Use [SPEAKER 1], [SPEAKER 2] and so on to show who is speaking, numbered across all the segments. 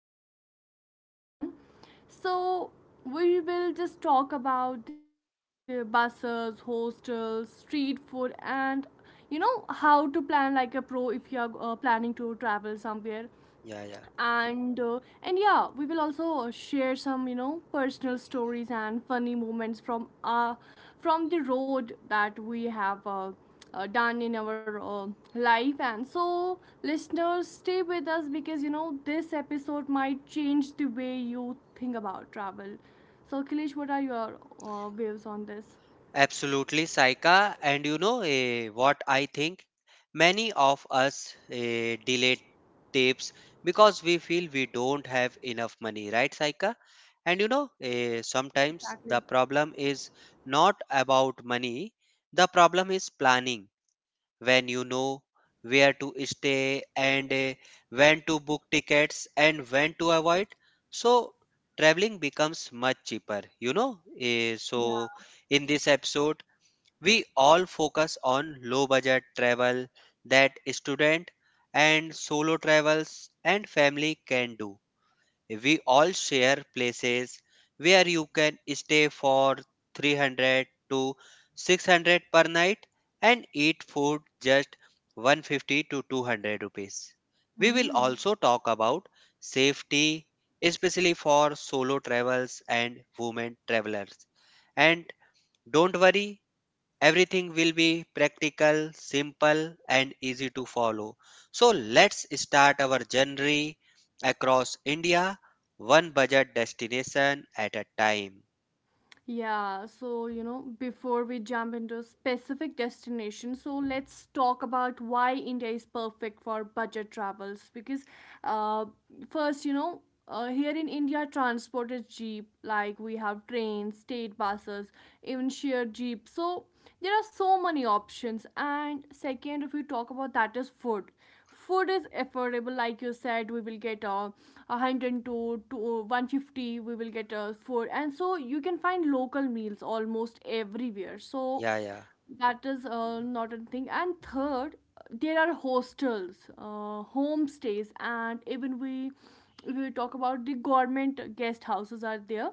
[SPEAKER 1] while still having fun. So, we will just talk about buses, hostels, street food, and you know, how to plan like a pro if you're planning to travel somewhere
[SPEAKER 2] Yeah, yeah.
[SPEAKER 1] and uh, and yeah, we will also share some you know personal stories and funny moments from the road that we have done in our life. And so listeners stay with us because you know this episode might change the way you think about travel. So, Kilish, what are your views on this?
[SPEAKER 2] Absolutely, Saika. And you know what I think? Many of us delay tapes because we feel we don't have enough money, right, Saika? And you know, sometimes the
[SPEAKER 1] Exactly.
[SPEAKER 2] problem is not about money. The problem is planning when you know where to stay and when to book tickets and when to avoid, so traveling becomes much cheaper, you know. So
[SPEAKER 1] Yeah.
[SPEAKER 2] in this episode we all focus on low budget travel that student and solo travels and family can do. We all share places where you can stay for 300 to 600 per night and eat food just 150 to 200 rupees. We will
[SPEAKER 1] Hmm.
[SPEAKER 2] also talk about safety, especially for solo travels and women travelers. And don't worry, everything will be practical, simple, and easy to follow. So let's start our journey across India, one budget destination at a time.
[SPEAKER 1] Yeah, so you know, before we jump into specific destinations, so let's talk about why India is perfect for budget travels. Because, uh, first, you know, here in India, transport is cheap. Like we have trains, state buses, even shared jeep. So there are so many options. And second, if we talk about that is food, food is affordable. Like you said, we will get a 100 to 150, we will get a food, and so you can find local meals almost everywhere. So
[SPEAKER 2] Yeah, yeah,
[SPEAKER 1] that is not a thing. And third, there are hostels homestays, and even we, if we talk about the government guest houses are there,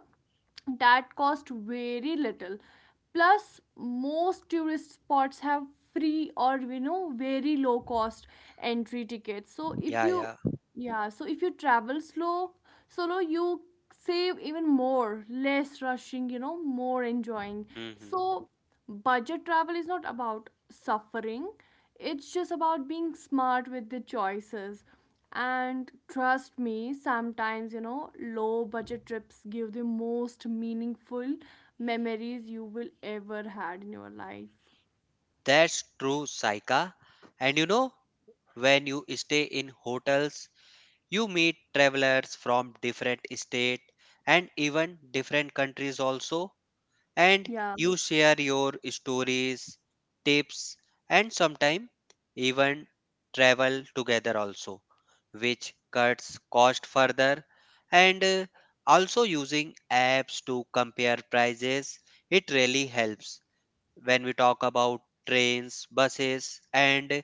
[SPEAKER 1] that cost very little. Plus most tourist spots have free or you know very low cost entry tickets. So if
[SPEAKER 2] yeah,
[SPEAKER 1] you,
[SPEAKER 2] yeah.
[SPEAKER 1] yeah, so if you travel slow, solo, you save even more. Less rushing, you know, more enjoying.
[SPEAKER 2] Hmm.
[SPEAKER 1] So budget travel is not about suffering, it's just about being smart with the choices. And trust me, sometimes, you know, low budget trips give the most meaningful memories you will ever had in your life.
[SPEAKER 2] That's true, Saika. And you know, when you stay in hotels, you meet travelers from different state and even different countries also. And
[SPEAKER 1] Yeah,
[SPEAKER 2] you share your stories, tips, and sometimes even travel together also, which cuts cost further. And also using apps to compare prices, it really helps when we talk about trains, buses, and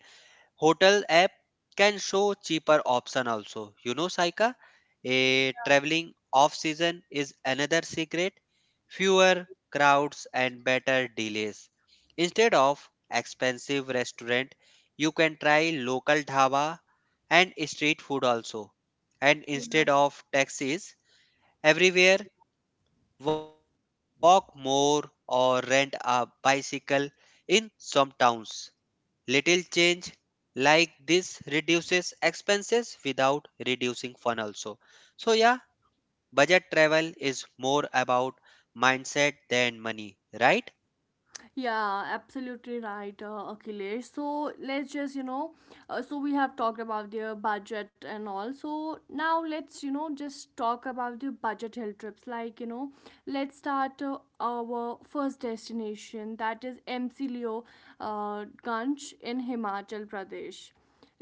[SPEAKER 2] Hotel app can show cheaper option also. You know, Saika, a traveling off season is another secret. Fewer crowds and better delays. Instead of expensive restaurant, you can try local dhaba and street food also. And instead of taxis, everywhere walk more or rent a bicycle in some towns. Little change like this reduces expenses without reducing fun also. So yeah, budget travel is more about mindset than money, right?
[SPEAKER 1] yeah, absolutely right, Akhilesh. So let's just, you know, so we have talked about their budget and all. So now let's, you know, just talk about the budget hill trips. Like, you know, let's start our first destination, that is MC Leo Ganj in Himachal Pradesh.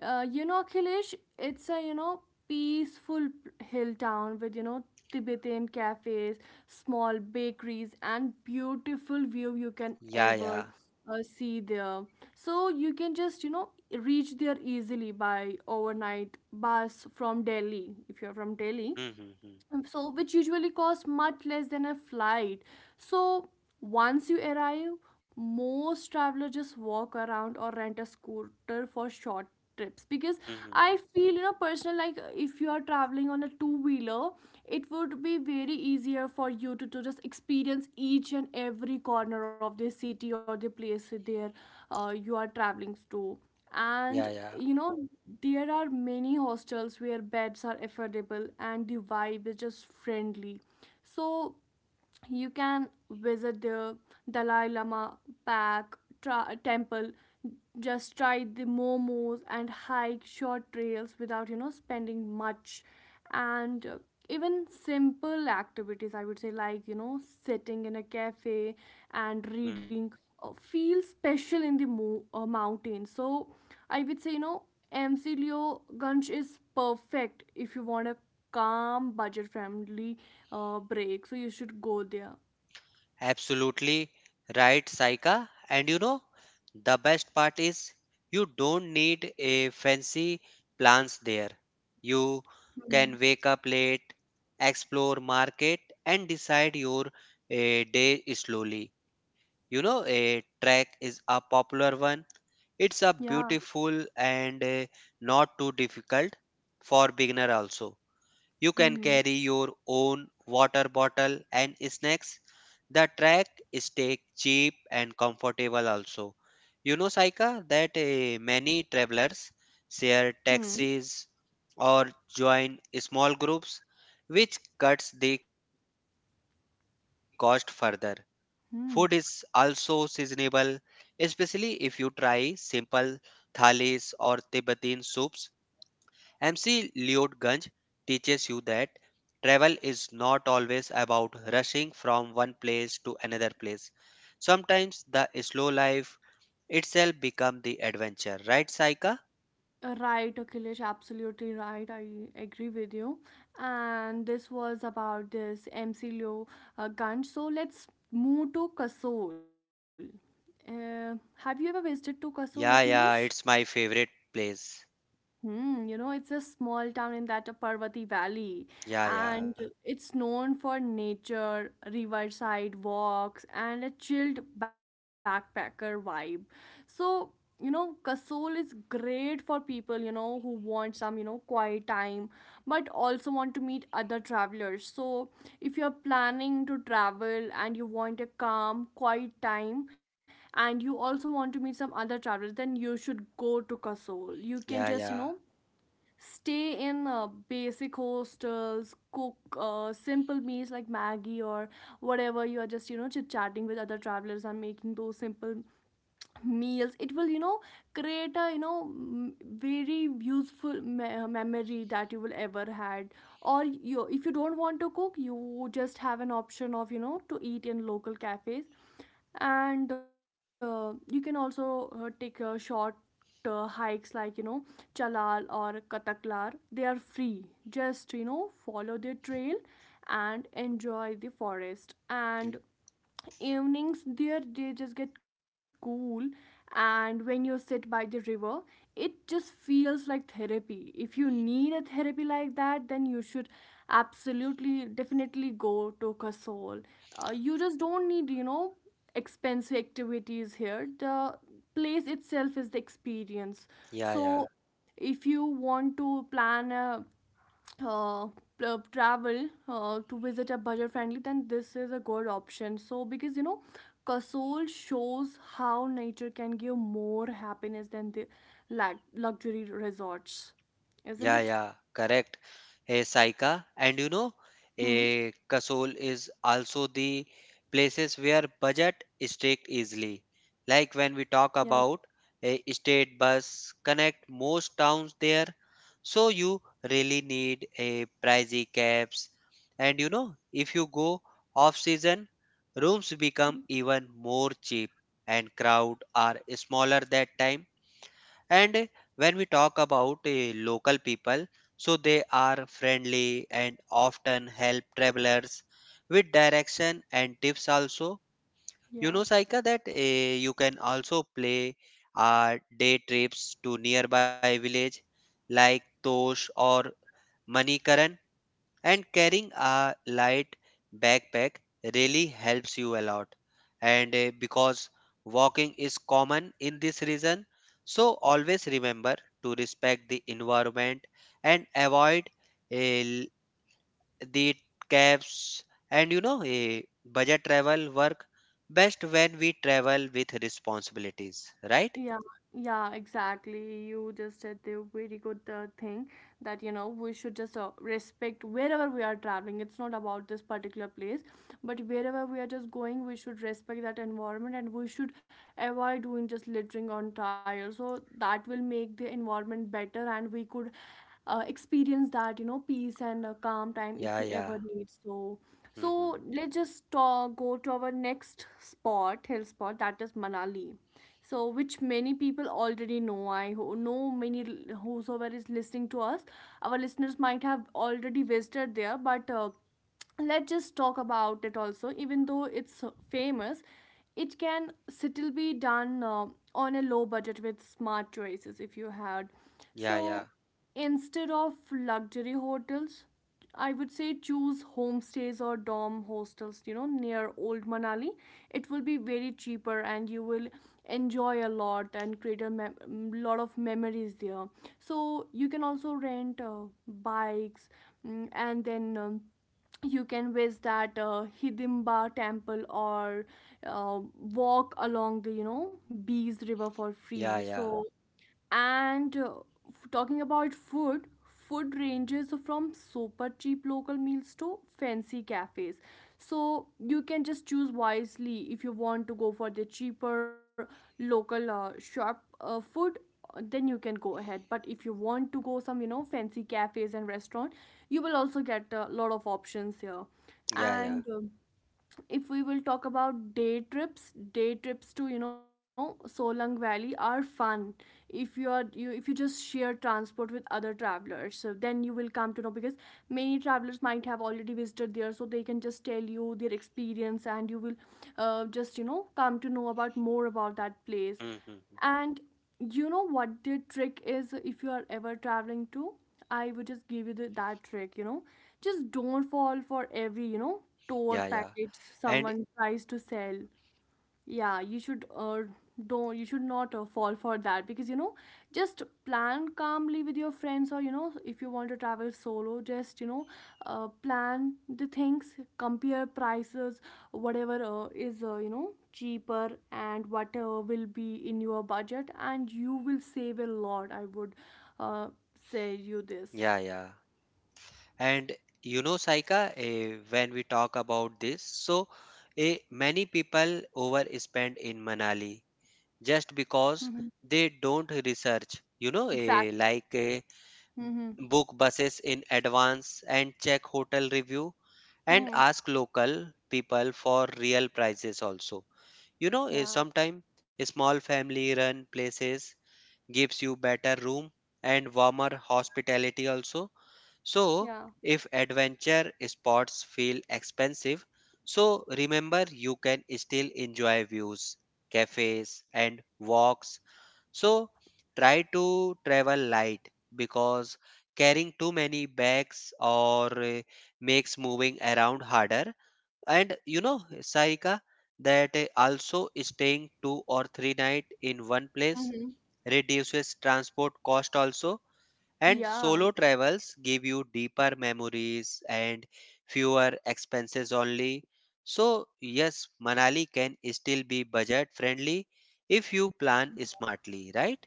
[SPEAKER 1] You know, Akhilesh, it's a, you know, peaceful hill town with, you know, Tibetan cafes, small bakeries, and beautiful view you can
[SPEAKER 2] Yeah, yeah.
[SPEAKER 1] ever see there. So you can just, you know, reach there easily by overnight bus from Delhi, if you're from Delhi.
[SPEAKER 2] Hmm, hmm, hmm.
[SPEAKER 1] So which usually cost much less than a flight. So once you arrive, most travelers just walk around or rent a scooter for short trips. Because
[SPEAKER 2] Hmm, hmm,
[SPEAKER 1] I
[SPEAKER 2] hmm.
[SPEAKER 1] feel, you know, personal, like if you are traveling on a two wheeler, it would be very easier for you to just experience each and every corner of the city or the place there you are traveling to. And
[SPEAKER 2] Yeah, yeah.
[SPEAKER 1] you know there are many hostels where beds are affordable and the vibe is just friendly. So you can visit the Dalai Lama temple, just try the momos and hike short trails without you know spending much. And even simple activities, I would say, like you know, sitting in a cafe and
[SPEAKER 2] Hmm.
[SPEAKER 1] reading feel special in the mountain. So I would say, you know, Mcleo Gunch is perfect if you want a calm, budget friendly break. So you should go there.
[SPEAKER 2] Absolutely right, Saika. And you know, the best part is you don't need a fancy plans there. You
[SPEAKER 1] Hmm.
[SPEAKER 2] can wake up late, explore market, and decide your day slowly. You know, a trek is a popular one. It's a
[SPEAKER 1] Yeah.
[SPEAKER 2] beautiful and not too difficult for beginner also. You can
[SPEAKER 1] Mm-hmm.
[SPEAKER 2] carry your own water bottle and snacks. The track stay cheap and comfortable also. You know, Saika, that many travelers share
[SPEAKER 1] Hmm.
[SPEAKER 2] taxis or join small groups, which cuts the cost further. Food is also
[SPEAKER 1] Hmm.
[SPEAKER 2] seasonable, especially if you try simple thalis or Tibetan soups. MC Lloyd Gange teaches you that travel is not always about rushing from one place to another place. Sometimes the slow life itself become the adventure, right, Saika?
[SPEAKER 1] Right, Akhilesh, absolutely right. I agree with you. And this was about this MC Leo gun. So let's move to Kasol. Uh, have you ever visited to Kasol, Akhilesh?
[SPEAKER 2] Yeah, yeah, it's my favorite place.
[SPEAKER 1] Hmm, you know, it's a small town in that Parvati Valley,
[SPEAKER 2] Yeah, yeah,
[SPEAKER 1] and it's known for nature, riverside walks, and a chilled backpacker vibe. So, you know, Kasol is great for people, you know, who want some, you know, quiet time, but also want to meet other travelers. So, if you're planning to travel and you want a calm, quiet time, and you also want to meet some other travelers, then you should go to Kasol. You can
[SPEAKER 2] yeah,
[SPEAKER 1] just, you
[SPEAKER 2] yeah,
[SPEAKER 1] know, stay in basic hostels, cook simple meals like maggie or whatever. You are just you know chit chatting with other travelers and making those simple meals. It will you know create a you know very useful memory that you will ever had. Or you, if you don't want to cook, you just have an option of you know to eat in local cafes. And you can also take short hikes, like you know, chalal or kataklar, they are free. Just you know follow the trail and enjoy the forest. And
[SPEAKER 2] mm,
[SPEAKER 1] evenings there they just get cool, and when you sit by the river it just feels like therapy. If you need a therapy like that, then you should absolutely definitely go to Kasol. You just don't need you know expensive activities here. The place itself is the experience.
[SPEAKER 2] yeah,
[SPEAKER 1] So
[SPEAKER 2] yeah.
[SPEAKER 1] if you want to plan a uh, travel to visit a budget friendly, then this is a good option. So because you know Kasol shows how nature can give more happiness than the luxury resorts, isn't
[SPEAKER 2] Yeah,
[SPEAKER 1] it?
[SPEAKER 2] yeah, correct. A Saika, and you know,
[SPEAKER 1] Hmm.
[SPEAKER 2] a Kasol is also the places where budget is take easily. Like when we
[SPEAKER 1] Yeah.
[SPEAKER 2] talk about a state bus connect most towns there, so you really need a pricey cabs. And you know, if you go off season, rooms become even more cheap and crowd are smaller that time. And when we talk about local people, so they are friendly and often help travelers with direction and tips also. You
[SPEAKER 1] Yeah.
[SPEAKER 2] know, Saika, that you can also play day trips to nearby village like Tosh or Manikaran, and carrying a light backpack really helps you a lot. And because walking is common in this region, so always remember to respect the environment and avoid uh, l- the cabs. And you know, budget travel work best when we travel with responsibilities, right?
[SPEAKER 1] Yeah, yeah, exactly. You just said the very good thing that you know we should just respect wherever we are traveling. It's not about this particular place, but wherever we are just going, we should respect that environment and we should avoid doing just littering on tires. So that will make the environment better, and we could experience that you know peace and calm time if
[SPEAKER 2] Yeah,
[SPEAKER 1] we
[SPEAKER 2] yeah.
[SPEAKER 1] ever need so.
[SPEAKER 2] Mm-hmm.
[SPEAKER 1] So let's just go to our next spot, hill spot, that is Manali. So which many people already know. I know many whosoever is listening to us, our listeners might have already visited there. But let's just talk about it also, even though it's famous, it can still be done on a low budget with smart choices, if you had.
[SPEAKER 2] Yeah,
[SPEAKER 1] So
[SPEAKER 2] yeah,
[SPEAKER 1] instead of luxury hotels, I would say choose homestays or dorm hostels, you know, near old Manali. It will be very cheaper and you will enjoy a lot and create a lot of memories there. So you can also rent bikes. Mm, and then you can visit that Hidimba temple or uh, walk along the you know Bees river for free.
[SPEAKER 2] yeah, yeah,
[SPEAKER 1] So and talking about food, food ranges from super cheap local meals to fancy cafes. So you can just choose wisely. If you want to go for the cheaper local shop food, then you can go ahead. But if you want to go some you know fancy cafes and restaurant, you will also get a lot of options here.
[SPEAKER 2] yeah, yeah.
[SPEAKER 1] And if we will talk about day trips, day trips to you know Solang Valley are fun if you are you if you just share transport with other travelers. So then you will come to know, because many travelers might have already visited there, so they can just tell you their experience, and you will just you know come to know about more about that place.
[SPEAKER 2] Mm-hmm.
[SPEAKER 1] And you know what the trick is, if you are ever traveling to, I would just give you that trick, you know, just don't
[SPEAKER 2] Yeah,
[SPEAKER 1] fall
[SPEAKER 2] yeah.
[SPEAKER 1] for every you
[SPEAKER 2] And
[SPEAKER 1] know tour package someone tries to sell. Yeah, you should don't you should not fall for that. Because you know just plan calmly with your friends, or you know if you want to travel solo, just you know plan the things, compare prices, whatever is you know cheaper, and what will be in your budget, and you will save a lot, I would uh, say you this.
[SPEAKER 2] yeah, yeah. And you know, Saika, when we talk about this, so many people overspend in Manali just
[SPEAKER 1] Hmm.
[SPEAKER 2] because they don't research, you know,
[SPEAKER 1] Exactly.
[SPEAKER 2] like
[SPEAKER 1] Hmm.
[SPEAKER 2] book buses in advance and check hotel review and
[SPEAKER 1] Hmm.
[SPEAKER 2] ask local people for real prices also. You know,
[SPEAKER 1] Yeah.
[SPEAKER 2] sometimes small family run places gives you better room and warmer hospitality also. So,
[SPEAKER 1] Yeah.
[SPEAKER 2] if adventure spots feel expensive, so remember you can still enjoy views, cafes, and walks. So, try to travel light because carrying too many bags or makes moving around harder. And you know, Sarika, that also staying 2 or 3 night in one place
[SPEAKER 1] Hmm.
[SPEAKER 2] reduces transport cost also, and
[SPEAKER 1] Yeah.
[SPEAKER 2] solo travels give you deeper memories and fewer expenses only. So yes, Manali can still be budget friendly if you plan smartly, right?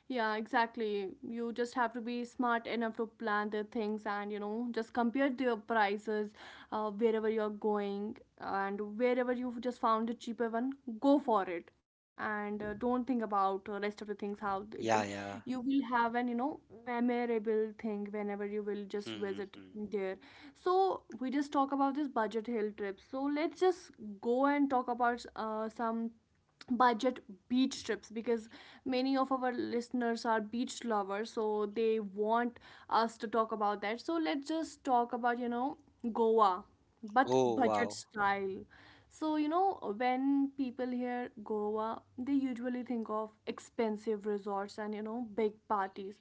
[SPEAKER 1] Yeah, exactly. You just have to be smart enough to plan the things and, you know, just compare the prices wherever you're going, and wherever you've just found a cheaper one, go for it. And don't think about rest of the things. How it will,
[SPEAKER 2] Yeah,
[SPEAKER 1] you
[SPEAKER 2] yeah.
[SPEAKER 1] will have an, you know, memorable thing whenever you will just
[SPEAKER 2] Hmm, hmm,
[SPEAKER 1] visit
[SPEAKER 2] hmm.
[SPEAKER 1] there. So, we just talk about this budget hill trip. So, let's just go and talk about some budget beach trips because many of our listeners are beach lovers, so they want us to talk about that. So let's just talk about, you know, Goa, but
[SPEAKER 2] Oh
[SPEAKER 1] budget
[SPEAKER 2] wow.
[SPEAKER 1] style. So, you know, when people hear Goa, they usually think of expensive resorts and, you know, big parties,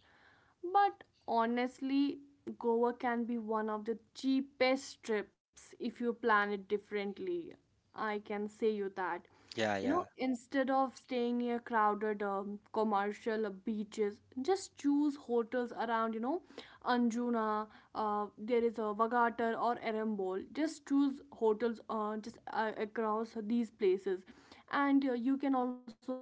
[SPEAKER 1] but honestly, Goa can be one of the cheapest trips if you plan it differently. I can say you that.
[SPEAKER 2] Yeah,
[SPEAKER 1] You
[SPEAKER 2] yeah,
[SPEAKER 1] know, instead of staying near crowded commercial beaches, just choose hotels around, you know, Anjuna, there is a Vagatar or Erembol. Just choose hotels just across these places. And you can also, you know,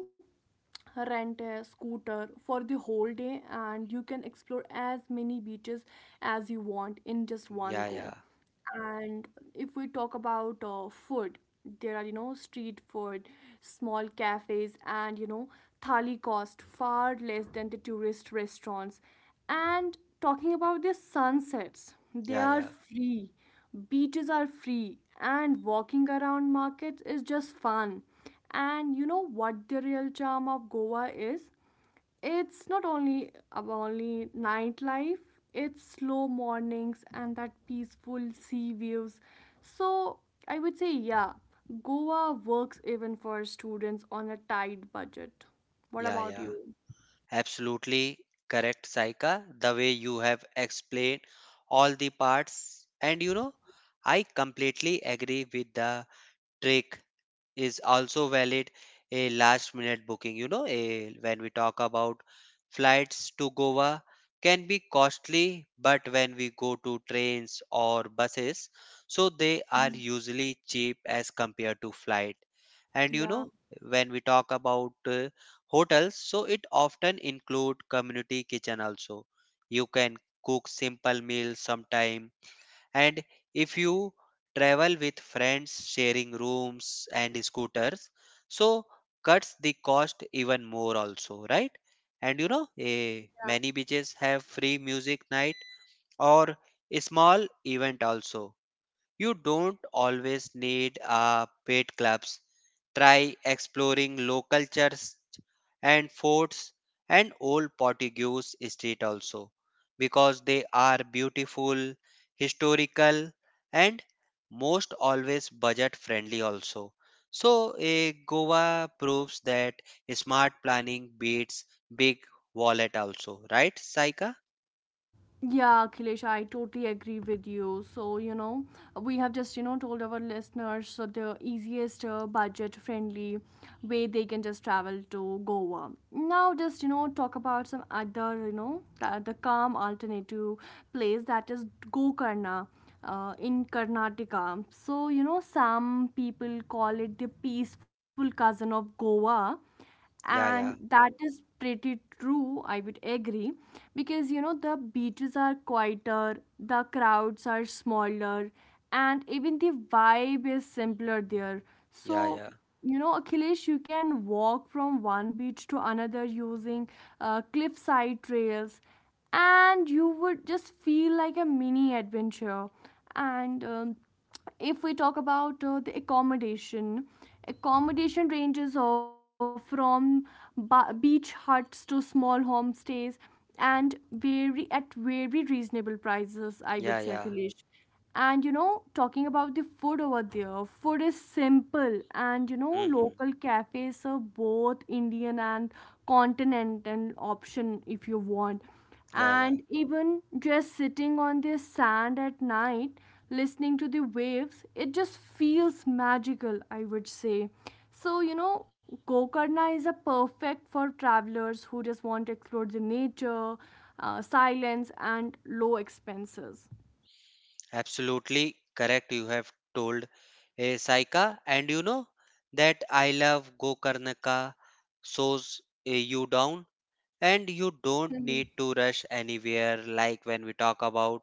[SPEAKER 1] rent a scooter for the whole day, and you can explore as many beaches as you want in just one go.
[SPEAKER 2] yeah, yeah,
[SPEAKER 1] And if we talk about food, there are, you know, street food, small cafes, and, you know, thali cost far less than the tourist restaurants. And talking
[SPEAKER 2] yeah,
[SPEAKER 1] about
[SPEAKER 2] yeah,
[SPEAKER 1] the sunsets, they are free, beaches are free, and walking around markets is just fun. And you know what the real charm of Goa is? It's not only about only nightlife, it's slow mornings and that peaceful sea views. So I would say, yeah, Goa works even for students on a tight budget. What
[SPEAKER 2] yeah,
[SPEAKER 1] about
[SPEAKER 2] yeah.
[SPEAKER 1] you?
[SPEAKER 2] Absolutely correct, Saika. The way you have explained all the parts, and you know, I completely agree with the trick is also valid. A last minute booking, you know, a, when we talk about flights to Goa can be costly, but when we go to trains or buses, so they are
[SPEAKER 1] Mhm.
[SPEAKER 2] usually cheap as compared to flight. And you
[SPEAKER 1] Yeah.
[SPEAKER 2] know, when we talk about hotels, so it often include community kitchen also. You can cook simple meals sometime. And if you travel with friends sharing rooms and scooters, so cuts the cost even more also, right? And you know, many beaches have free music night or a small event also. You don't always need a paid clubs. Try exploring local churches and forts and old Portuguese street also because they are beautiful, historical, and most always budget friendly also. So a Goa proves that smart planning beats big wallet also, right, Saika?
[SPEAKER 1] Yeah, Akhilesh, I totally agree with you. So, you know, we have just, you know, told our listeners so the easiest budget friendly way they can just travel to Goa. Now, just, you know, talk about some other, you know, the calm alternative place, that is Gokarna. In Karnataka. So, you know, some people call it the peaceful cousin of Goa,
[SPEAKER 2] Yeah, yeah,
[SPEAKER 1] and that is pretty true, I would agree, because, you know, the beaches are quieter, the crowds are smaller, and even the vibe is simpler there.
[SPEAKER 2] yeah,
[SPEAKER 1] So,
[SPEAKER 2] yeah,
[SPEAKER 1] you know, Achilles, you can walk from one beach to another using cliffside trails, and you would just feel like a mini adventure. And if we talk about the accommodation ranges from beach huts to small homestays, and very at very reasonable prices, I would
[SPEAKER 2] yeah,
[SPEAKER 1] say,
[SPEAKER 2] yeah.
[SPEAKER 1] Akhilesh. And you know, talking about the food over there, food is simple, and you know,
[SPEAKER 2] Hmm.
[SPEAKER 1] local cafes serve both Indian and continental option, if you want.
[SPEAKER 2] Yeah, yeah.
[SPEAKER 1] And even just sitting on the sand at night, listening to the waves, it just feels magical, I would say. So, you know, Gokarna is a perfect for travelers who just want to explore the nature, silence and low expenses.
[SPEAKER 2] Absolutely correct. You have told a Saika, and you know that I love Gokarnaka shows you down, and you don't
[SPEAKER 1] Mhm.
[SPEAKER 2] need to rush anywhere like when we talk about.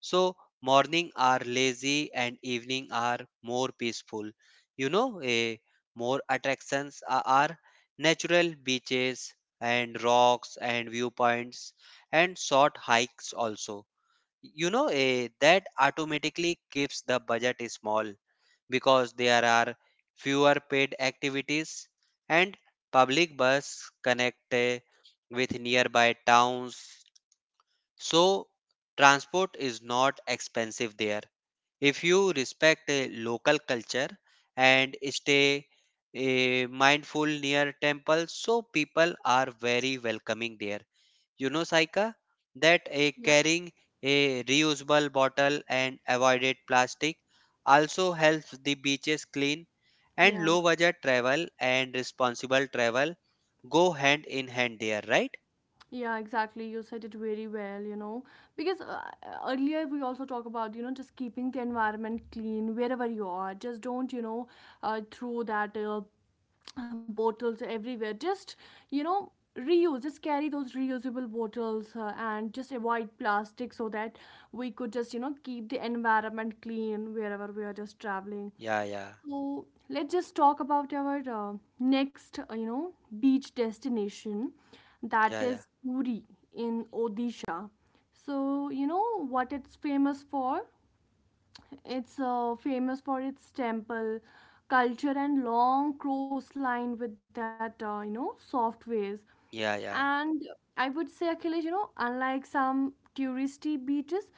[SPEAKER 2] So, morning are lazy and evening are more peaceful. You know, a more attractions are natural beaches and rocks and viewpoints and short hikes also. You know, that automatically keeps the budget small because there are fewer paid activities. And public bus connect with nearby towns, so transport is not expensive there. If you respect local culture and stay mindful near temples, so people are very welcoming there. You know, Saika, that a
[SPEAKER 1] Yeah.
[SPEAKER 2] carrying a reusable bottle and avoided plastic also helps the beaches clean, and
[SPEAKER 1] Yeah.
[SPEAKER 2] low budget travel and responsible travel go hand in hand there, right?
[SPEAKER 1] Yeah, exactly. You said it very well, you know. Because earlier we also talk about, you know, just keeping the environment clean wherever you are. Just don't, you know, throw that bottles everywhere. Just, you know, reuse. Just carry those reusable bottles and just avoid plastic so that we could just, you know, keep the environment clean wherever we are just traveling.
[SPEAKER 2] Yeah, yeah,
[SPEAKER 1] So let's just talk about our next, you know, beach destination, that
[SPEAKER 2] yeah, yeah,
[SPEAKER 1] is Puri in Odisha. So you know what it's famous for? It's famous for its temple culture and long coastline with that, you know, soft waves.
[SPEAKER 2] yeah, yeah,
[SPEAKER 1] And I would say, Akhilesh, you know, unlike some touristy beaches,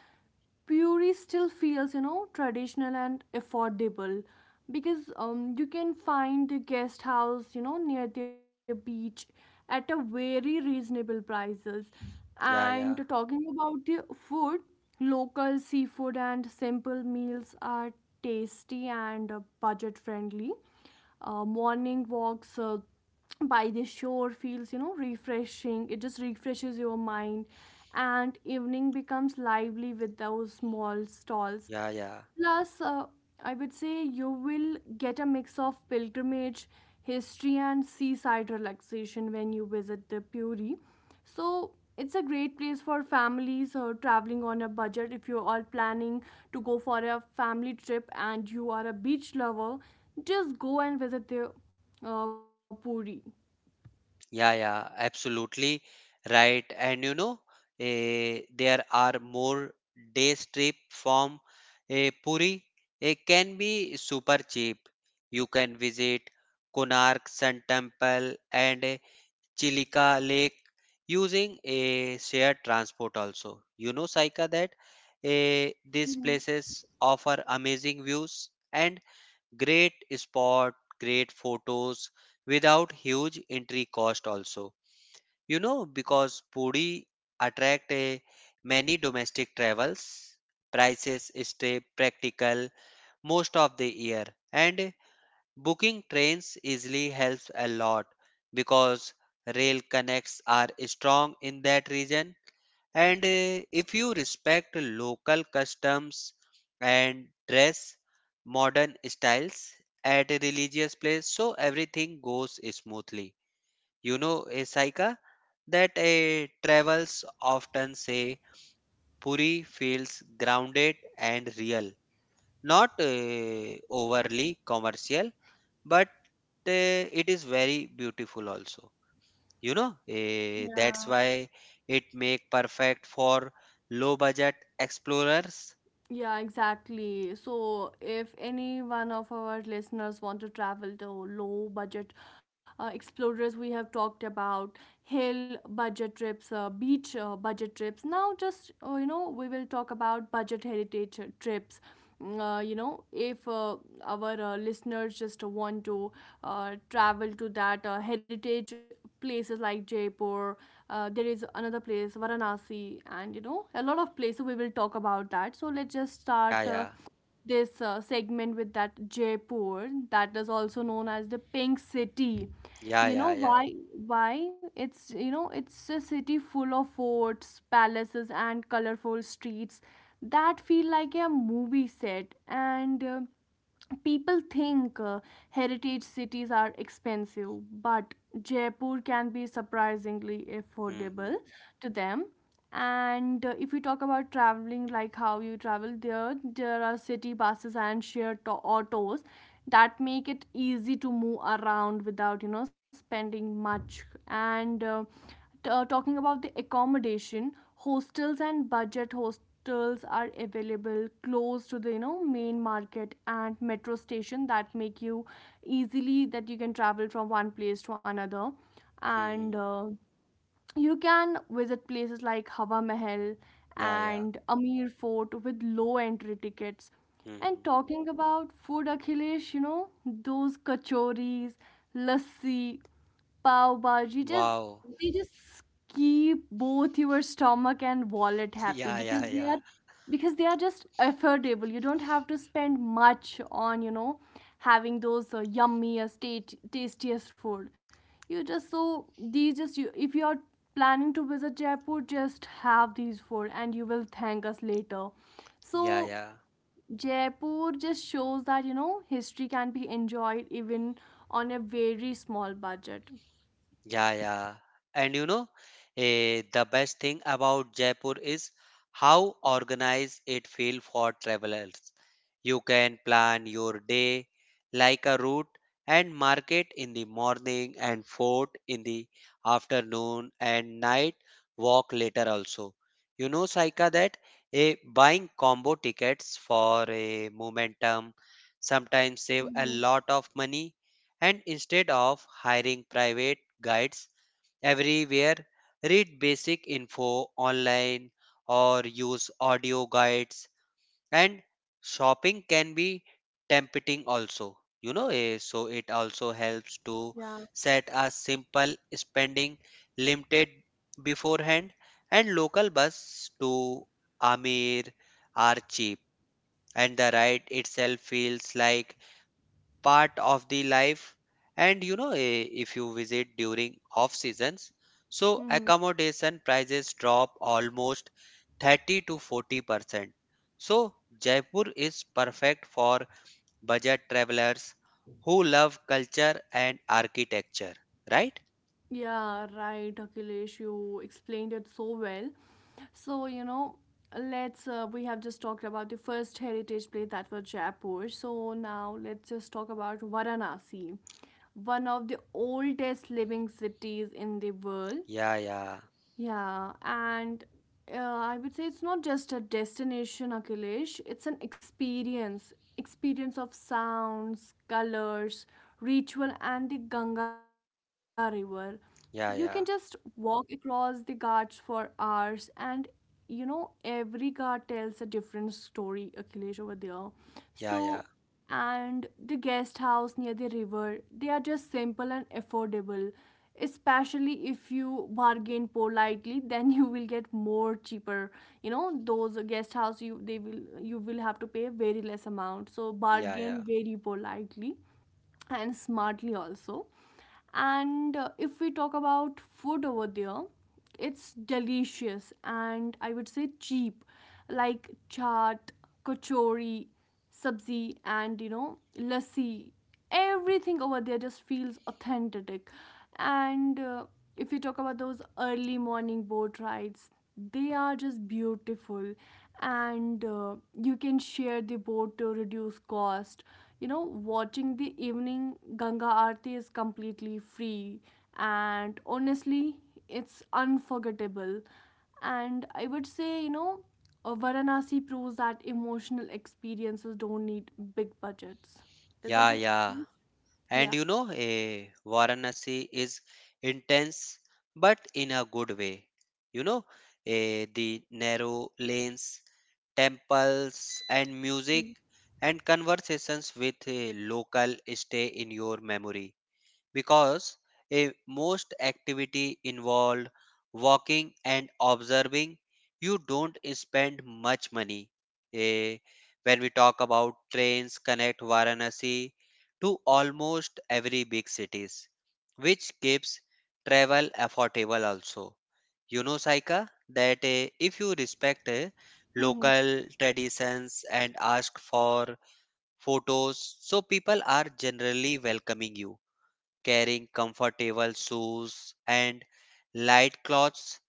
[SPEAKER 1] Puri still feels, you know, traditional and affordable, because you can find the guest house, you know, near the beach at a very reasonable prices.
[SPEAKER 2] yeah,
[SPEAKER 1] And
[SPEAKER 2] yeah,
[SPEAKER 1] talking about the food, local seafood and simple meals are tasty and budget friendly. Morning walks by the shore feels, you know, refreshing. It just refreshes your mind. And evening becomes lively with those small stalls.
[SPEAKER 2] yeah, yeah.
[SPEAKER 1] Plus, I would say you will get a mix of pilgrimage, history, and seaside relaxation when you visit the Puri. So, it's a great place for families or traveling on a budget if you are planning to go for a family trip and you are a beach lover. Just go and visit the Puri.
[SPEAKER 2] Yeah, yeah, absolutely right. And you know, there are more day trip from Puri. It can be super cheap. You can visit Konark Sun Temple and Chilika Lake using a shared transport also. You know, Saika, that these
[SPEAKER 1] Mhm.
[SPEAKER 2] places offer amazing views and great spot, great photos without huge entry cost also. You know, because Puri attract a many domestic travels, prices stay practical most of the year, and booking trains easily helps a lot because rail connects are strong in that region. And if you respect local customs and dress modern styles at a religious place, so everything goes smoothly. You know, a Saika, that a travels often say Puri feels grounded and real, not overly commercial, but it is very beautiful also. You know,
[SPEAKER 1] Yeah.
[SPEAKER 2] that's why it make perfect for low budget explorers.
[SPEAKER 1] Yeah, exactly. So, if any one of our listeners want to travel to low budget explorers, we have talked about hill budget trips, beach budget trips. Now, just you know, we will talk about budget heritage trips. You know, if our listeners just want to uh, travel to that heritage places like Jaipur, there is another place, Varanasi, and you know, a lot of places we will talk about that. So let's just
[SPEAKER 2] Yeah,
[SPEAKER 1] start
[SPEAKER 2] yeah,
[SPEAKER 1] this segment with that Jaipur, that is also known as the Pink City.
[SPEAKER 2] yeah,
[SPEAKER 1] You know
[SPEAKER 2] yeah, yeah.
[SPEAKER 1] why? Why it's, you know, it's a city full of forts, palaces, and colorful streets that feel like a movie set. And people think heritage cities are expensive, but Jaipur can be surprisingly affordable
[SPEAKER 2] Mm-hmm.
[SPEAKER 1] to them. And if we talk about traveling, like how you travel there, there are city buses and shared autos that make it easy to move around without, you know, spending much. And talking about the accommodation, hostels and budget hostels are available close to the, you know, main market and metro station, that make you easily that you can travel from one place to another. And
[SPEAKER 2] Mm-hmm.
[SPEAKER 1] you can visit places like Hawa Mahal
[SPEAKER 2] Yeah, yeah.
[SPEAKER 1] and Amir Fort with low entry tickets.
[SPEAKER 2] Mm-hmm.
[SPEAKER 1] And talking about food, Akhilesh, you know, those kachoris, lassi, pav bhaji, just
[SPEAKER 2] Wow.
[SPEAKER 1] they just keep both your stomach and wallet happy,
[SPEAKER 2] Yeah,
[SPEAKER 1] because
[SPEAKER 2] yeah,
[SPEAKER 1] they
[SPEAKER 2] yeah.
[SPEAKER 1] are, because they are just affordable. You don't have to spend much on, you know, having those yummiest tastiest food. You just, so these just you, if you are planning to visit Jaipur, just have these food and you will thank us later. So
[SPEAKER 2] Yeah, yeah.
[SPEAKER 1] Jaipur just shows that, you know, history can be enjoyed even on a very small budget.
[SPEAKER 2] Yeah, yeah. And you know, the best thing about Jaipur is how organized it feels for travelers. You can plan your day like a route, and market in the morning and fort in the afternoon and night walk later also. You know, Saika, that buying combo tickets for a momentum sometimes save a
[SPEAKER 1] Mhm.
[SPEAKER 2] lot of money. And instead of hiring private guides everywhere, read basic info online or use audio guides. And shopping can be tempting also, you know, so it also helps to
[SPEAKER 1] Yeah.
[SPEAKER 2] set a simple spending limited beforehand. And local bus to Amir are cheap, and the ride itself feels like part of the life. And you know, if you visit during off seasons, so
[SPEAKER 1] Hmm.
[SPEAKER 2] accommodation prices drop almost 30 to 40%. So Jaipur is perfect for budget travelers who love culture and architecture, right?
[SPEAKER 1] Yeah, right, Akhilesh, you explained it so well. So, you know, we have just talked about the first heritage place that was Jaipur. So now let's just talk about Varanasi, one of the oldest living cities in the world.
[SPEAKER 2] Yeah, yeah,
[SPEAKER 1] Yeah, and I would say it's not just a destination, Akhilesh. It's an experience, experience of sounds, colors, ritual, and the Ganga River. You can just
[SPEAKER 2] yeah, yeah,
[SPEAKER 1] walk across the ghats for hours, and you know, every ghat tells a different story, Akhilesh, over there.
[SPEAKER 2] yeah,
[SPEAKER 1] So,
[SPEAKER 2] yeah,
[SPEAKER 1] and the guest house near the river, they are just simple and affordable, especially if you bargain politely, then you will get more cheaper. You know, those guest house, you they will, you will have to pay a very less amount, so
[SPEAKER 2] yeah,
[SPEAKER 1] bargain
[SPEAKER 2] yeah,
[SPEAKER 1] very politely and smartly also. And if we talk about food over there, it's delicious and I would say cheap, like chaat, kachori, sabzi, and, you know, lassi. Everything over there just feels authentic. And if we talk about those early morning boat rides, they are just beautiful. And you can share the boat to reduce cost. You know, watching the evening Ganga Aarti is completely free. And honestly, it's unforgettable. And I would say, you know, Varanasi proves that emotional experiences don't need big budgets. Isn't
[SPEAKER 2] yeah,
[SPEAKER 1] it?
[SPEAKER 2] yeah. And
[SPEAKER 1] Yeah.
[SPEAKER 2] you know, Varanasi is intense, but in a good way. You know, the narrow lanes, temples, and music and conversations with a local stay in your memory because a most activity involved walking and observing, you don't spend much money. Eh, when we talk about trains connect Varanasi to almost every big cities, which keeps travel affordable also. You know, Saika, that if you respect local traditions and ask for photos, so people are generally welcoming you. Carrying comfortable shoes and light clothes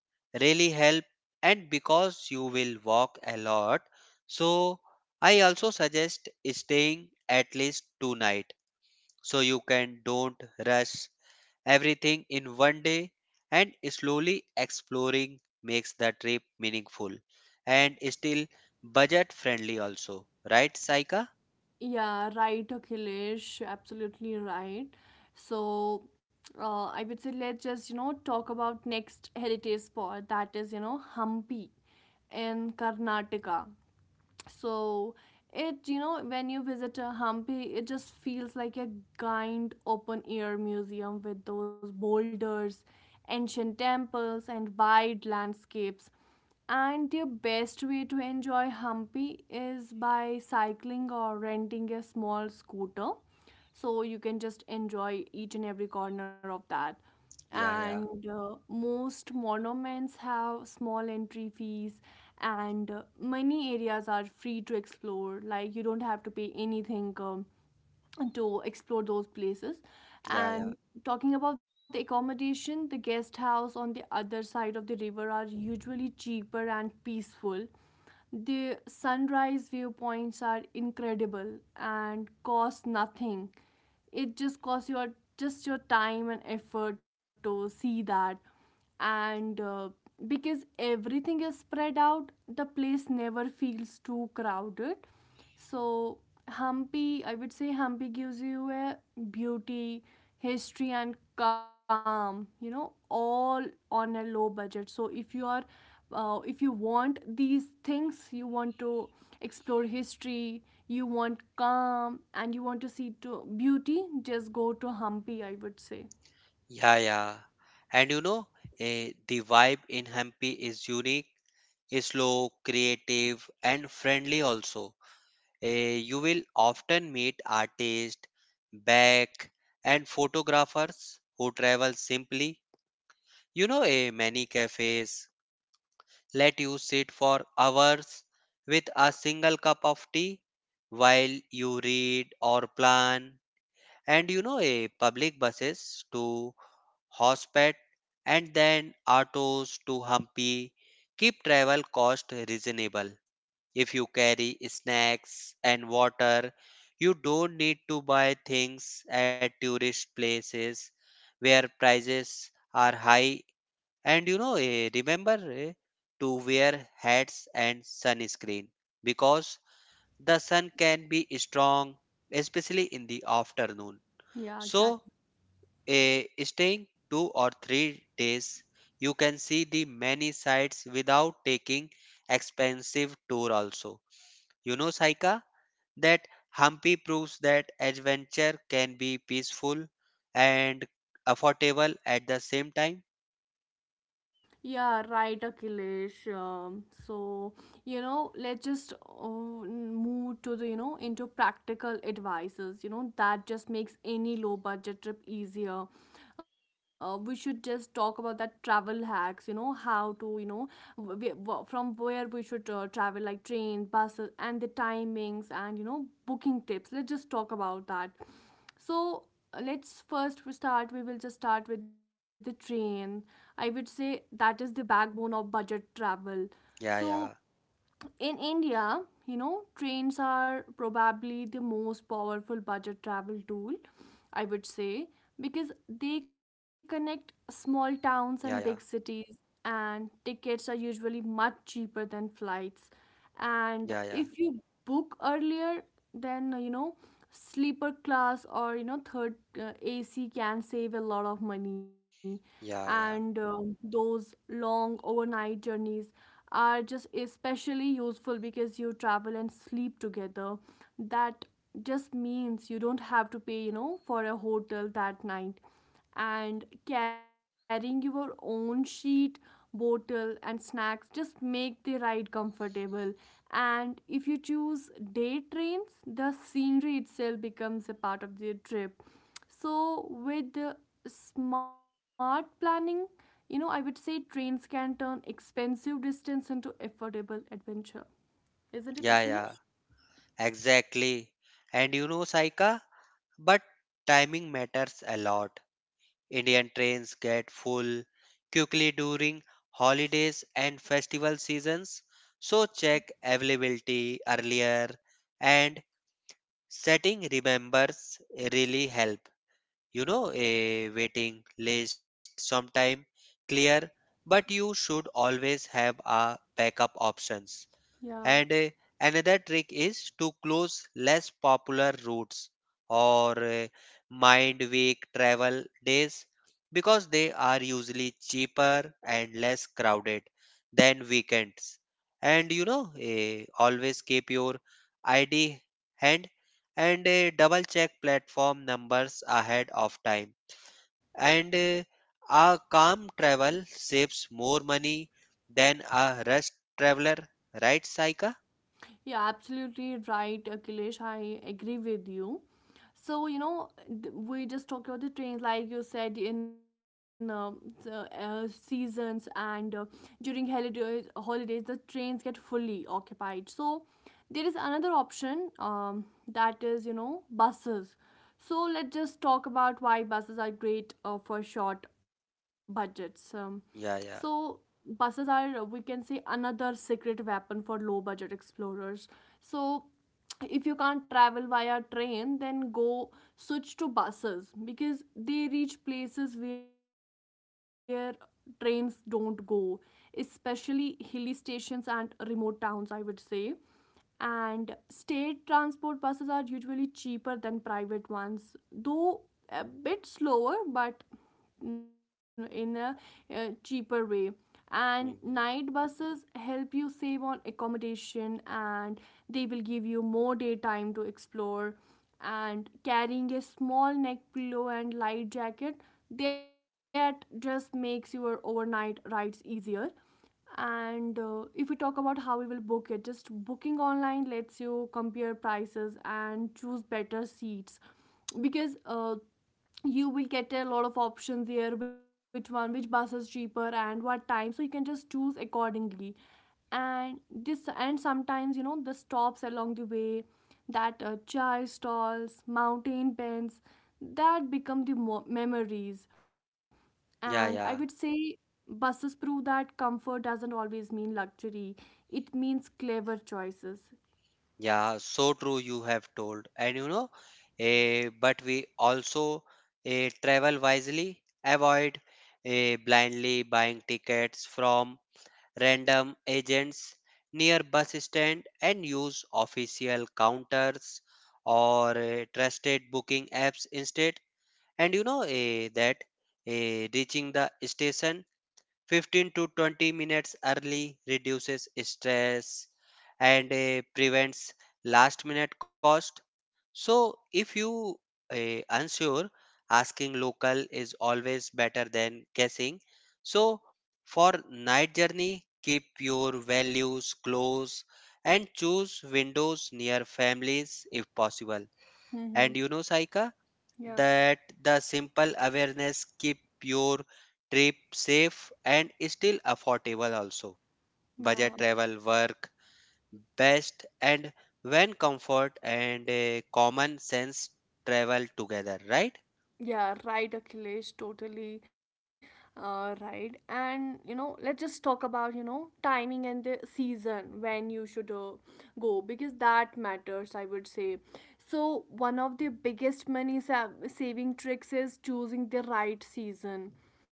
[SPEAKER 2] really help, and because you will walk a lot. So I also suggest staying at least two night, so you can don't rush everything in one day, and slowly exploring makes the trip meaningful and still budget friendly also, right, Saika?
[SPEAKER 1] Yeah, right, Akhilesh. Absolutely right. So, I would say let's just, you know, talk about next heritage spot that is, you know, Hampi in Karnataka. So it, you know, when you visit a Hampi, it just feels like a giant open air museum with those boulders, ancient temples, and wide landscapes. And the best way to enjoy Hampi is by cycling or renting a small scooter, so you can just enjoy each and every corner of that.
[SPEAKER 2] yeah yeah
[SPEAKER 1] And most monuments have small entry fees, and many areas are free to explore, like you don't have to pay anything to explore those places.
[SPEAKER 2] yeah yeah
[SPEAKER 1] And talking about the accommodation, the guest house on the other side of the river are usually cheaper and peaceful. The sunrise viewpoints are incredible and cost nothing. It just costs your, just your time and effort to see that. And because everything is spread out, the place never feels too crowded. So, Hampi, I would say, Hampi gives you a beauty, history, and calm, you know, all on a low budget. So, if you are if you want these things, you want to explore history, you want calm, and you want to see to beauty, just go to Hampi, I would say.
[SPEAKER 2] Yeah, yeah. And you know, the vibe in Hampi is unique, is slow, creative, and friendly also. You will often meet artists, back, and photographers who travel simply. You know, many cafes let you sit for hours with a single cup of tea while you read or plan. And you know, public buses too Hospet, and then autos to Hampi. Keep travel cost reasonable. If you carry snacks and water, you don't need to buy things at tourist places where prices are high. And you know, remember to wear hats and sunscreen because the sun can be strong, especially in the afternoon.
[SPEAKER 1] Yeah,
[SPEAKER 2] So,
[SPEAKER 1] exactly.
[SPEAKER 2] staying 2 or 3 days, you can see the many sites without taking expensive tour also. You know, Saika, that Hampi proves that adventure can be peaceful and affordable at the same time.
[SPEAKER 1] Yeah, right, Akhilesh. So, you know, let's just move to the, you know, into practical advices. You know, that just makes any low budget trip easier. We should just talk about that travel hacks, you know, how to, you know, from where we should travel, like train, buses, and the timings, and, you know, booking tips. Let's just talk about that. so let's first start. We will just start with the train. I would say that is the backbone of budget travel.
[SPEAKER 2] Yeah,
[SPEAKER 1] So
[SPEAKER 2] yeah,
[SPEAKER 1] in India, trains are probably the most powerful budget travel tool, I would say, because they
[SPEAKER 2] yeah, yeah,
[SPEAKER 1] connect small towns and big cities, and tickets are usually much cheaper than flights.
[SPEAKER 2] yeah, yeah,
[SPEAKER 1] And if you book earlier, then, uh, you know, sleeper class or, third AC can save a lot of money,
[SPEAKER 2] yeah,
[SPEAKER 1] and
[SPEAKER 2] yeah,
[SPEAKER 1] those long overnight journeys are just especially useful because you travel and sleep together. That just means you don't have to pay for a hotel that night, and carrying your own sheet, bottle, and snacks just make the ride comfortable. And if you choose day trains, the scenery itself becomes a part of the trip. So, with smart planning, I would say trains can turn expensive distance into affordable adventure. Isn't it,
[SPEAKER 2] yeah, yeah,
[SPEAKER 1] Akhilesh?
[SPEAKER 2] exactly And you know, Saika, but timing matters a lot. Indian trains get full quickly during holidays and festival seasons, so
[SPEAKER 1] Yeah.
[SPEAKER 2] check availability earlier and setting remembers really help. You know, a waiting list sometime clear, but you should always have a backup options.
[SPEAKER 1] Yeah,
[SPEAKER 2] And another trick is to close less popular routes or mind week travel days because they are usually cheaper and less crowded than weekends. And you know, always keep your ID hand and double check platform numbers ahead of time. And a calm travel saves more money than a rushed traveler, right, Saika?
[SPEAKER 1] yeah, absolutely right, Akhilesh. I agree with you. So, you know, we just talked about the trains, like you said, in the, seasons, and during holidays, the trains get fully occupied. So, there is another option that is, you know, buses. So, let's just talk about why buses are great for short budgets.
[SPEAKER 2] Yeah,
[SPEAKER 1] So,
[SPEAKER 2] yeah.
[SPEAKER 1] Buses are, we can say, another secret weapon for low budget explorers. So, if you can't travel via train, then go switch to buses, because they reach places where trains don't go, especially hilly stations and remote towns, I would say. And state transport buses are usually cheaper than private ones, though a bit slower, but in a cheaper way. And night
[SPEAKER 2] Hmm.
[SPEAKER 1] buses help you save on accommodation, and they will give you more daytime to explore. And carrying a small neck pillow and light jacket, that just makes your overnight rides easier. And if we talk about how we will book it, just booking online lets you compare prices and choose better seats, because you will get a lot of options there: which one which bus is cheaper and what time, so you can just choose accordingly. And this and sometimes, you know, the stops along the way, that chai stalls, mountain pens, that become the memories. And I would
[SPEAKER 2] Yeah,
[SPEAKER 1] say
[SPEAKER 2] yeah.
[SPEAKER 1] buses prove that comfort doesn't always mean luxury, it means clever choices.
[SPEAKER 2] Yeah, so true you have told. And you know, but we also travel wisely, avoid blindly buying tickets from random agents near bus stand and use official counters or trusted booking apps instead. And you know that reaching the station 15 to 20 minutes early reduces stress and prevents last minute cost. So if you unsure, asking local is always better than guessing. So for night journey, keep your values close and choose windows near families if possible.
[SPEAKER 1] Mm-hmm.
[SPEAKER 2] And you know, Saika,
[SPEAKER 1] Yeah,
[SPEAKER 2] that the simple awareness keep your trip safe and still affordable also.
[SPEAKER 1] yeah.
[SPEAKER 2] Budget travel work best and when comfort and a common sense travel together, right?
[SPEAKER 1] Yeah, right, Akhilesh, totally right. And you know, let's just talk about, you know, timing and the season when you should go, because that matters, I would say. So one of the biggest saving tricks is choosing the right season,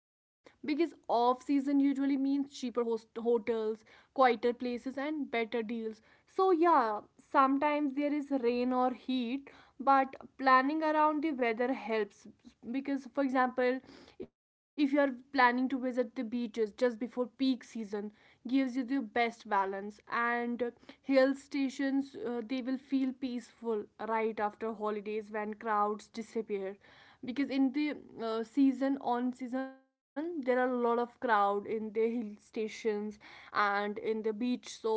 [SPEAKER 1] because off season usually means hotels, quieter places, and better deals. So yeah, sometimes there is rain or heat, but planning around the weather helps, because for example, if you are planning to visit the beaches just before peak season, gives you the best balance. And hill stations, they will feel peaceful right after holidays when crowds disappear, because in the season there are a lot of crowd in the hill stations and in the beach. So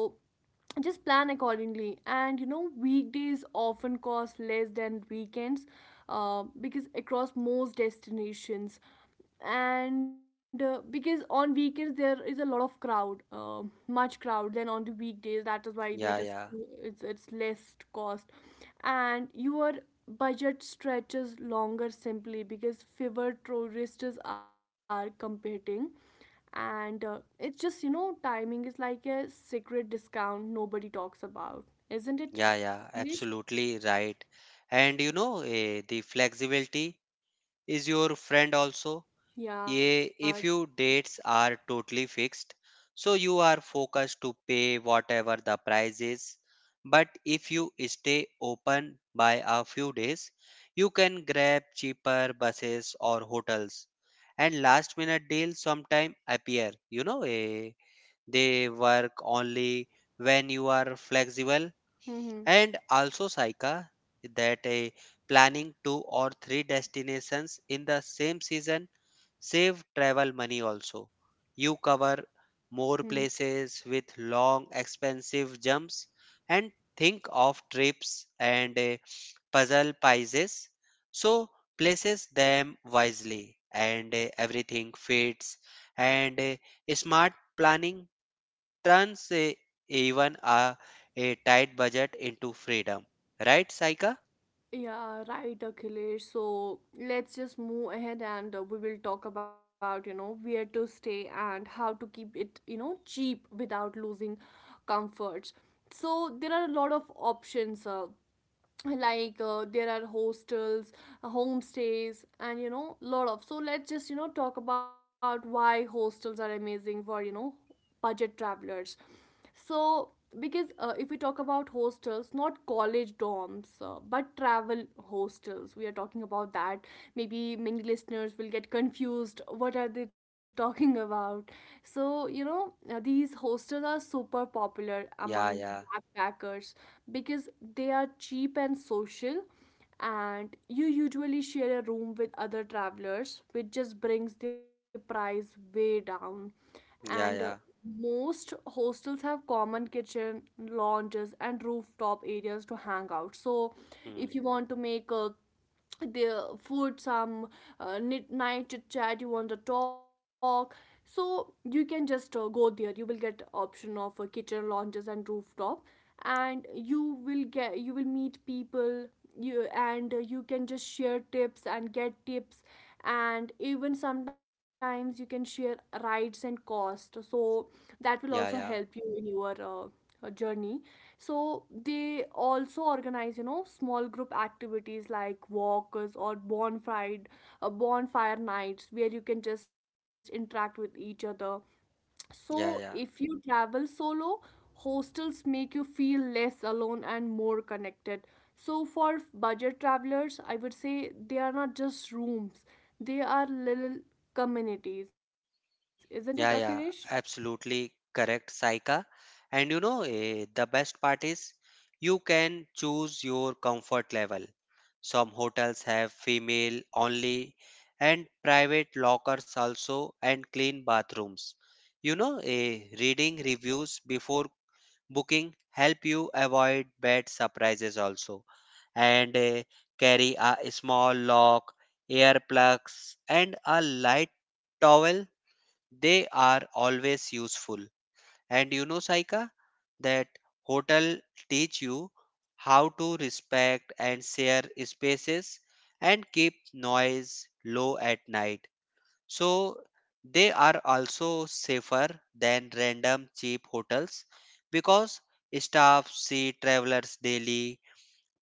[SPEAKER 1] just plan accordingly. And you know, weekdays often cost less than weekends, because across most destinations. And because on weekends there is a lot of crowd, much crowd than on the weekdays, that is why they
[SPEAKER 2] yeah
[SPEAKER 1] just,
[SPEAKER 2] yeah
[SPEAKER 1] it's less cost, and your budget stretches longer simply because fewer tourists are competing. And it's just, you know, timing is like a secret discount nobody talks about, isn't it,
[SPEAKER 2] yeah yeah
[SPEAKER 1] Nish?
[SPEAKER 2] absolutely right And you know, the flexibility is your friend also.
[SPEAKER 1] Yeah.
[SPEAKER 2] Yeah, if your dates are totally fixed, so you are focused to pay whatever the price is. But if you stay open by a few days, you can grab cheaper buses or hotels. And last minute deals sometimes appear. You know, they work only when you are flexible.
[SPEAKER 1] Mm-hmm.
[SPEAKER 2] And also, Saika, that a planning two or three destinations in the same season save travel money also. You
[SPEAKER 1] Hmm.
[SPEAKER 2] cover more places with long expensive jumps and think of trips and puzzle pieces. So places them wisely and everything fits. And smart planning turns even a, a tight budget into freedom. Right, Saika?
[SPEAKER 1] Yeah, right, Akhilesh. So let's just move ahead and we will talk about, you know, where to stay and how to keep it, you know, cheap without losing comforts. So there are a lot of options. Like there are hostels, homestays, and you know, lot of. So let's just, you know, talk about why hostels are amazing for, you know, budget travelers. So because if we talk about hostels, not college dorms, but travel hostels we are talking about, that maybe many listeners will get confused what are they talking about. So you know, these hostels are super popular
[SPEAKER 2] Yeah,
[SPEAKER 1] among
[SPEAKER 2] yeah,
[SPEAKER 1] backpackers, because they are cheap and social, and you usually share a room with other travelers, which just brings the price way down. And
[SPEAKER 2] yeah, yeah,
[SPEAKER 1] most hostels have common kitchen, lounges, and rooftop areas to hang out. So if
[SPEAKER 2] hmm.
[SPEAKER 1] you want to make a the food, some uh, night chit chat, you want to talk, so you can just go there, you will get option of kitchen, lounges, and rooftop, and you will meet people. You and uh, you can just share tips and get tips, and even sometimes you can share rides and cost, so that will also
[SPEAKER 2] yeah,
[SPEAKER 1] help
[SPEAKER 2] yeah,
[SPEAKER 1] you in your journey. So they also organize, you know, small group activities like walks or bonfire nights, where you can just interact with each other. So if
[SPEAKER 2] yeah,
[SPEAKER 1] you
[SPEAKER 2] yeah,
[SPEAKER 1] travel solo, hostels make you feel less alone and more connected. So for budget travelers, I would say, they are not just rooms, they are little communities, isn't it, Akhilesh?
[SPEAKER 2] yeah, yeah Absolutely correct, Saika. And you know, the best part is you can choose your comfort level. Some hotels have female only and private lockers also and clean bathrooms. You know, reading reviews before booking help you avoid bad surprises also. And carry a small lock, earplugs, and a light towel, they are always useful. And you know, Saika, that hotel teach you how to respect and share spaces and keep noise low at night, so they are also safer than random cheap hotels because staff see travelers daily.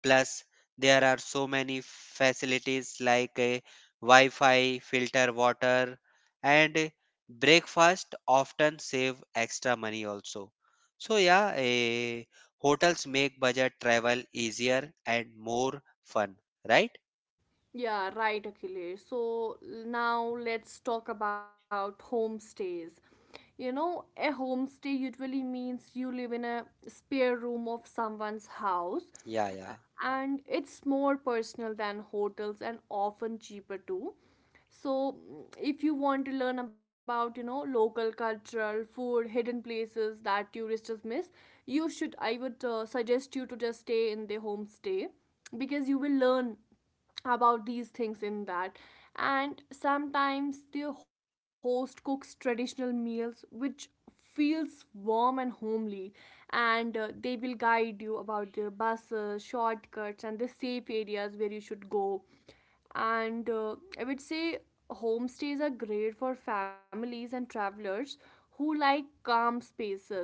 [SPEAKER 2] Plus, there are so many facilities like a Wi-Fi, filter water, and breakfast often save extra money also. So yeah, hotels make budget travel easier and more fun, right?
[SPEAKER 1] Yeah, right, Akhilesh. So now let's talk about homestays. You know, a homestay usually means you live in a spare room of someone's house,
[SPEAKER 2] Yeah,
[SPEAKER 1] uh,
[SPEAKER 2] yeah,
[SPEAKER 1] and it's more personal than hotels and often cheaper too. So mm, if you want to learn about, you know, local cultural food, hidden places that tourists just miss, you should, I would suggest you to just stay in the homestay, because you will learn about these things in that. And sometimes the host cooks traditional meals, which feels warm and homely. And they will guide you about the buses, shortcuts, and the safe areas where you should go. And I would say homestays are great for families and travelers who like calm spaces.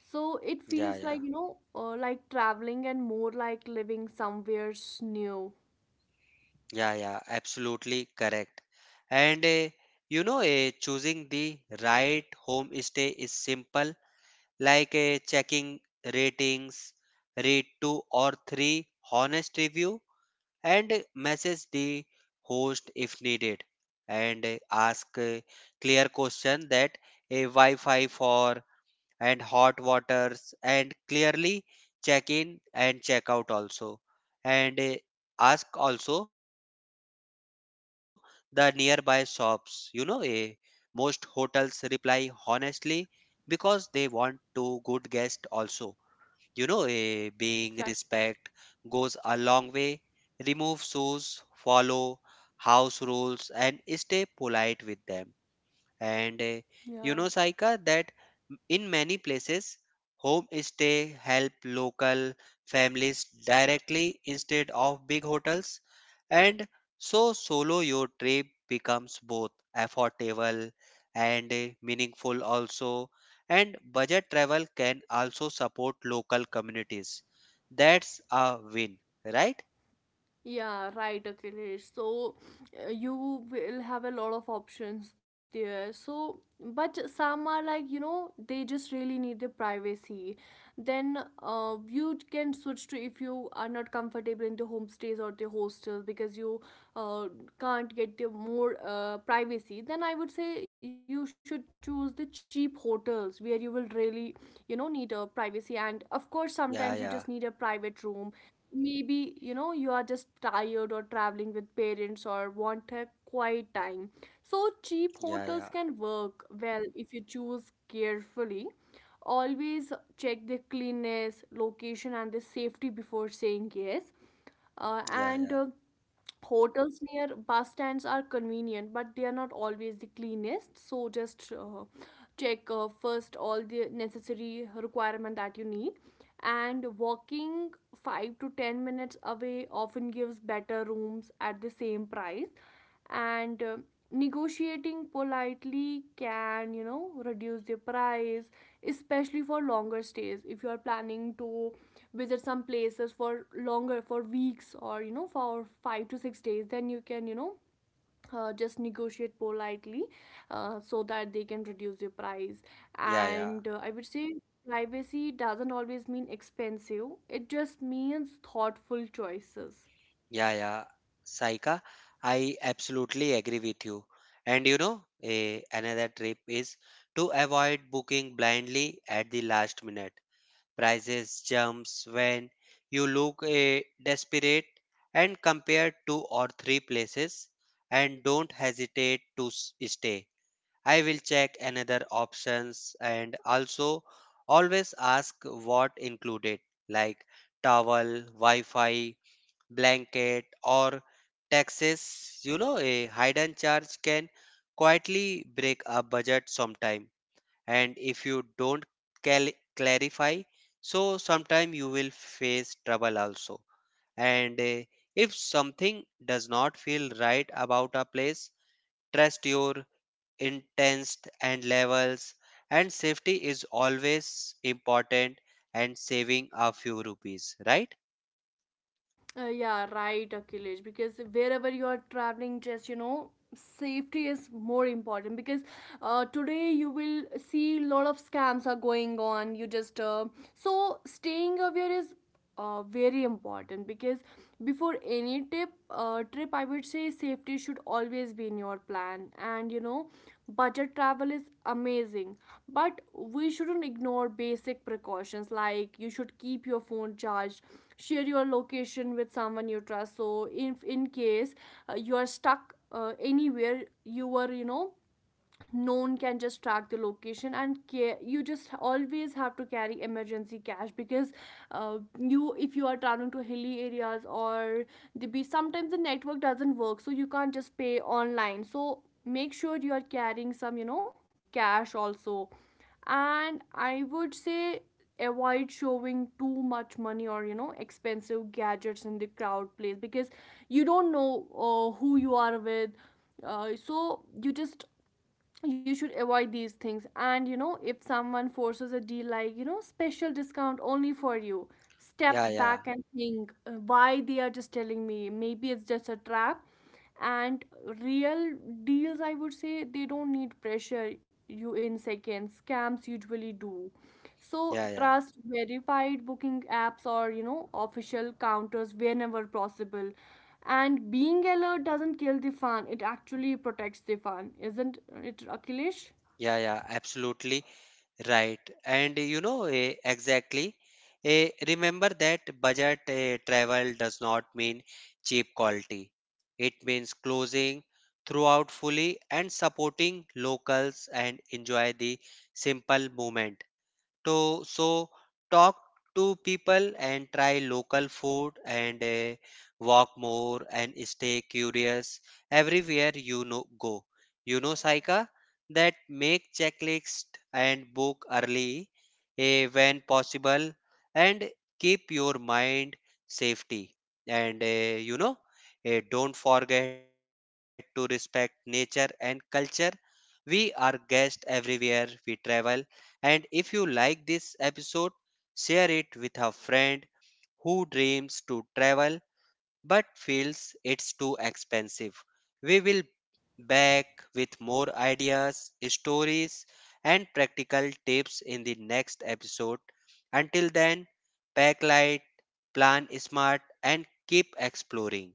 [SPEAKER 1] So it
[SPEAKER 2] yeah,
[SPEAKER 1] feels like,
[SPEAKER 2] yeah.
[SPEAKER 1] you know, like traveling and more like living somewhere new.
[SPEAKER 2] Yeah, yeah, absolutely correct. And you know, choosing the right homestay is simple, like checking ratings, read two or three honest review, and message the host if needed, and ask clear question that a Wi-Fi for and hot waters and clearly check in and check out also. And ask also the nearby shops, you know, most hotels reply honestly because they want to good guest also. You know, being
[SPEAKER 1] Exactly.
[SPEAKER 2] respect goes a long way. Remove shoes, follow house rules, and stay polite with them. And you
[SPEAKER 1] Yeah.
[SPEAKER 2] know, Saika, that in many places, homestay help local families directly instead of big hotels. And so solo your trip becomes both affordable and meaningful also. And budget travel can also support local communities. That's a win, right?
[SPEAKER 1] Yeah, right, Akhilesh. So you will have a lot of options there. So, but some are like, you know, they just really need their privacy. Then you can switch to, if you are not comfortable in the homestays or the hostels, because you uh, can't get the more privacy. Then I would say you should choose the cheap hotels where you will really, you know, need a privacy. And of course,
[SPEAKER 2] Yeah,
[SPEAKER 1] sometimes you
[SPEAKER 2] yeah,
[SPEAKER 1] just need a private room, maybe, you know, you are just tired or traveling with parents or want a quiet time. So cheap
[SPEAKER 2] yeah, yeah,
[SPEAKER 1] hotels can work well if you choose carefully. Always check the cleanness, location, and the safety before saying yes.
[SPEAKER 2] yeah,
[SPEAKER 1] And
[SPEAKER 2] yeah,
[SPEAKER 1] Hotels near bus stands are convenient, but they are not always the cleanest. So just check first all the necessary requirement that you need. And walking 5 to 10 minutes away often gives better rooms at the same price. And negotiating politely can, you know, reduce the price, especially for longer stays. If you are planning to visit some places for longer, for weeks, or you know, for 5 to 6 days, then you can, you know, just negotiate politely, so that they can reduce your price.
[SPEAKER 2] yeah, yeah.
[SPEAKER 1] And I would say privacy doesn't always mean expensive, it just means thoughtful choices.
[SPEAKER 2] Yeah, yeah, Saika, I absolutely agree with you. And you know, another tip is to avoid booking blindly at the last minute. Prices jumps when you look desperate and compare two or three places and don't hesitate to stay. I will check another options. And also always ask what included, like towel, Wi-Fi, blanket, or taxes. You know, a hidden charge can quietly break a budget sometime. And if you don't clarify, so sometime you will face trouble also. And if something does not feel right about a place, trust your intents and levels. And safety is always important and saving a few rupees, right?
[SPEAKER 1] Yeah, right, Akhilesh. Because wherever you are traveling, just you know, safety is more important. Because today you will see a lot of scams are going on. You just so staying aware is very important. Because before any tip trip, I would say, safety should always be in your plan. And you know, budget travel is amazing, but we shouldn't ignore basic precautions, like you should keep your phone charged, share your location with someone you trust, so if in case you are stuck anywhere, you were, you know, no one can just track the location. And you just always have to carry emergency cash, because you if you are traveling to hilly areas or the beach, sometimes the network doesn't work, so you can't just pay online, so make sure you are carrying some, you know, cash also. And I would say avoid showing too much money or, you know, expensive gadgets in the crowd place, because you don't know who you are with, so you just, you should avoid these things. And you know, if someone forces a deal, like, you know, special discount only for you, step
[SPEAKER 2] Yeah, yeah,
[SPEAKER 1] back and think, why they are just telling me, maybe it's just a trap. And real deals, I would say, they don't need pressure you in seconds, scams usually do. So
[SPEAKER 2] yeah, yeah.
[SPEAKER 1] trust verified booking apps or, you know, official counters whenever possible. And being alert doesn't kill the fun, it actually protects the fun, isn't it, Akhilesh?
[SPEAKER 2] Yeah, yeah, absolutely right. And you know, exactly. Remember that budget travel does not mean cheap quality. It means closing throughout fully and supporting locals and enjoy the simple moment to. So talk to people and try local food and walk more and stay curious everywhere you know go. You know, Saika, that make checklist and book early when possible and keep your mind safety. And you know, don't forget to respect nature and culture. We are guests everywhere we travel. And if you like this episode, share it with a friend who dreams to travel but feels it's too expensive. We will back with more ideas, stories, and practical tips in the next episode. Until then, pack light, plan smart, and keep exploring.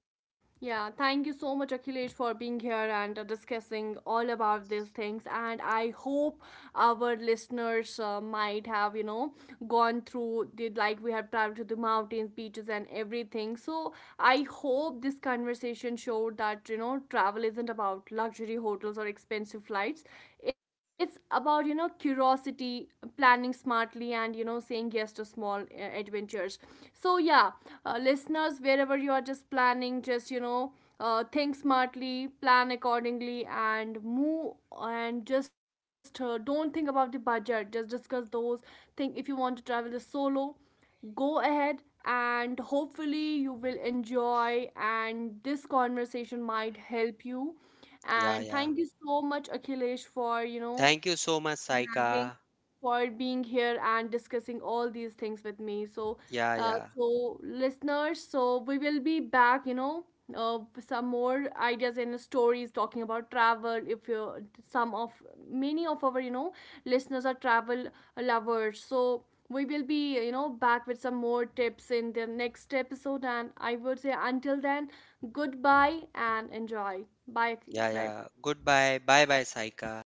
[SPEAKER 1] Yeah, thank you so much, Akhilesh, for being here and discussing all about these things. And I hope our listeners might have, you know, gone through the, like we have traveled to the mountains, beaches, and everything. So I hope this conversation showed that, you know, travel isn't about luxury hotels or expensive flights. It's about, you know, curiosity, planning smartly, and you know, saying yes to small adventures. So yeah, listeners, wherever you are, just planning, just you know, think smartly, plan accordingly, and move. And just don't think about the budget, just discuss those, think, if you want to travel solo, go ahead, and hopefully you will enjoy, and this conversation might help you.
[SPEAKER 2] Yeah,
[SPEAKER 1] And
[SPEAKER 2] yeah.
[SPEAKER 1] thank you so much, Akhilesh, for, you know,
[SPEAKER 2] Thank you so much,
[SPEAKER 1] having
[SPEAKER 2] Saika.
[SPEAKER 1] for being here and discussing all these things with me. So,
[SPEAKER 2] Yeah, yeah.
[SPEAKER 1] so listeners, so we will be back, you know, with some more ideas and stories talking about travel. If you, some of many of our, you know, listeners are travel lovers, so we will be, you know, back with some more tips in the next episode. And I would say until then, goodbye and enjoy. Bye,
[SPEAKER 2] Yeah,
[SPEAKER 1] bye.
[SPEAKER 2] yeah. Goodbye. Bye bye, Saika.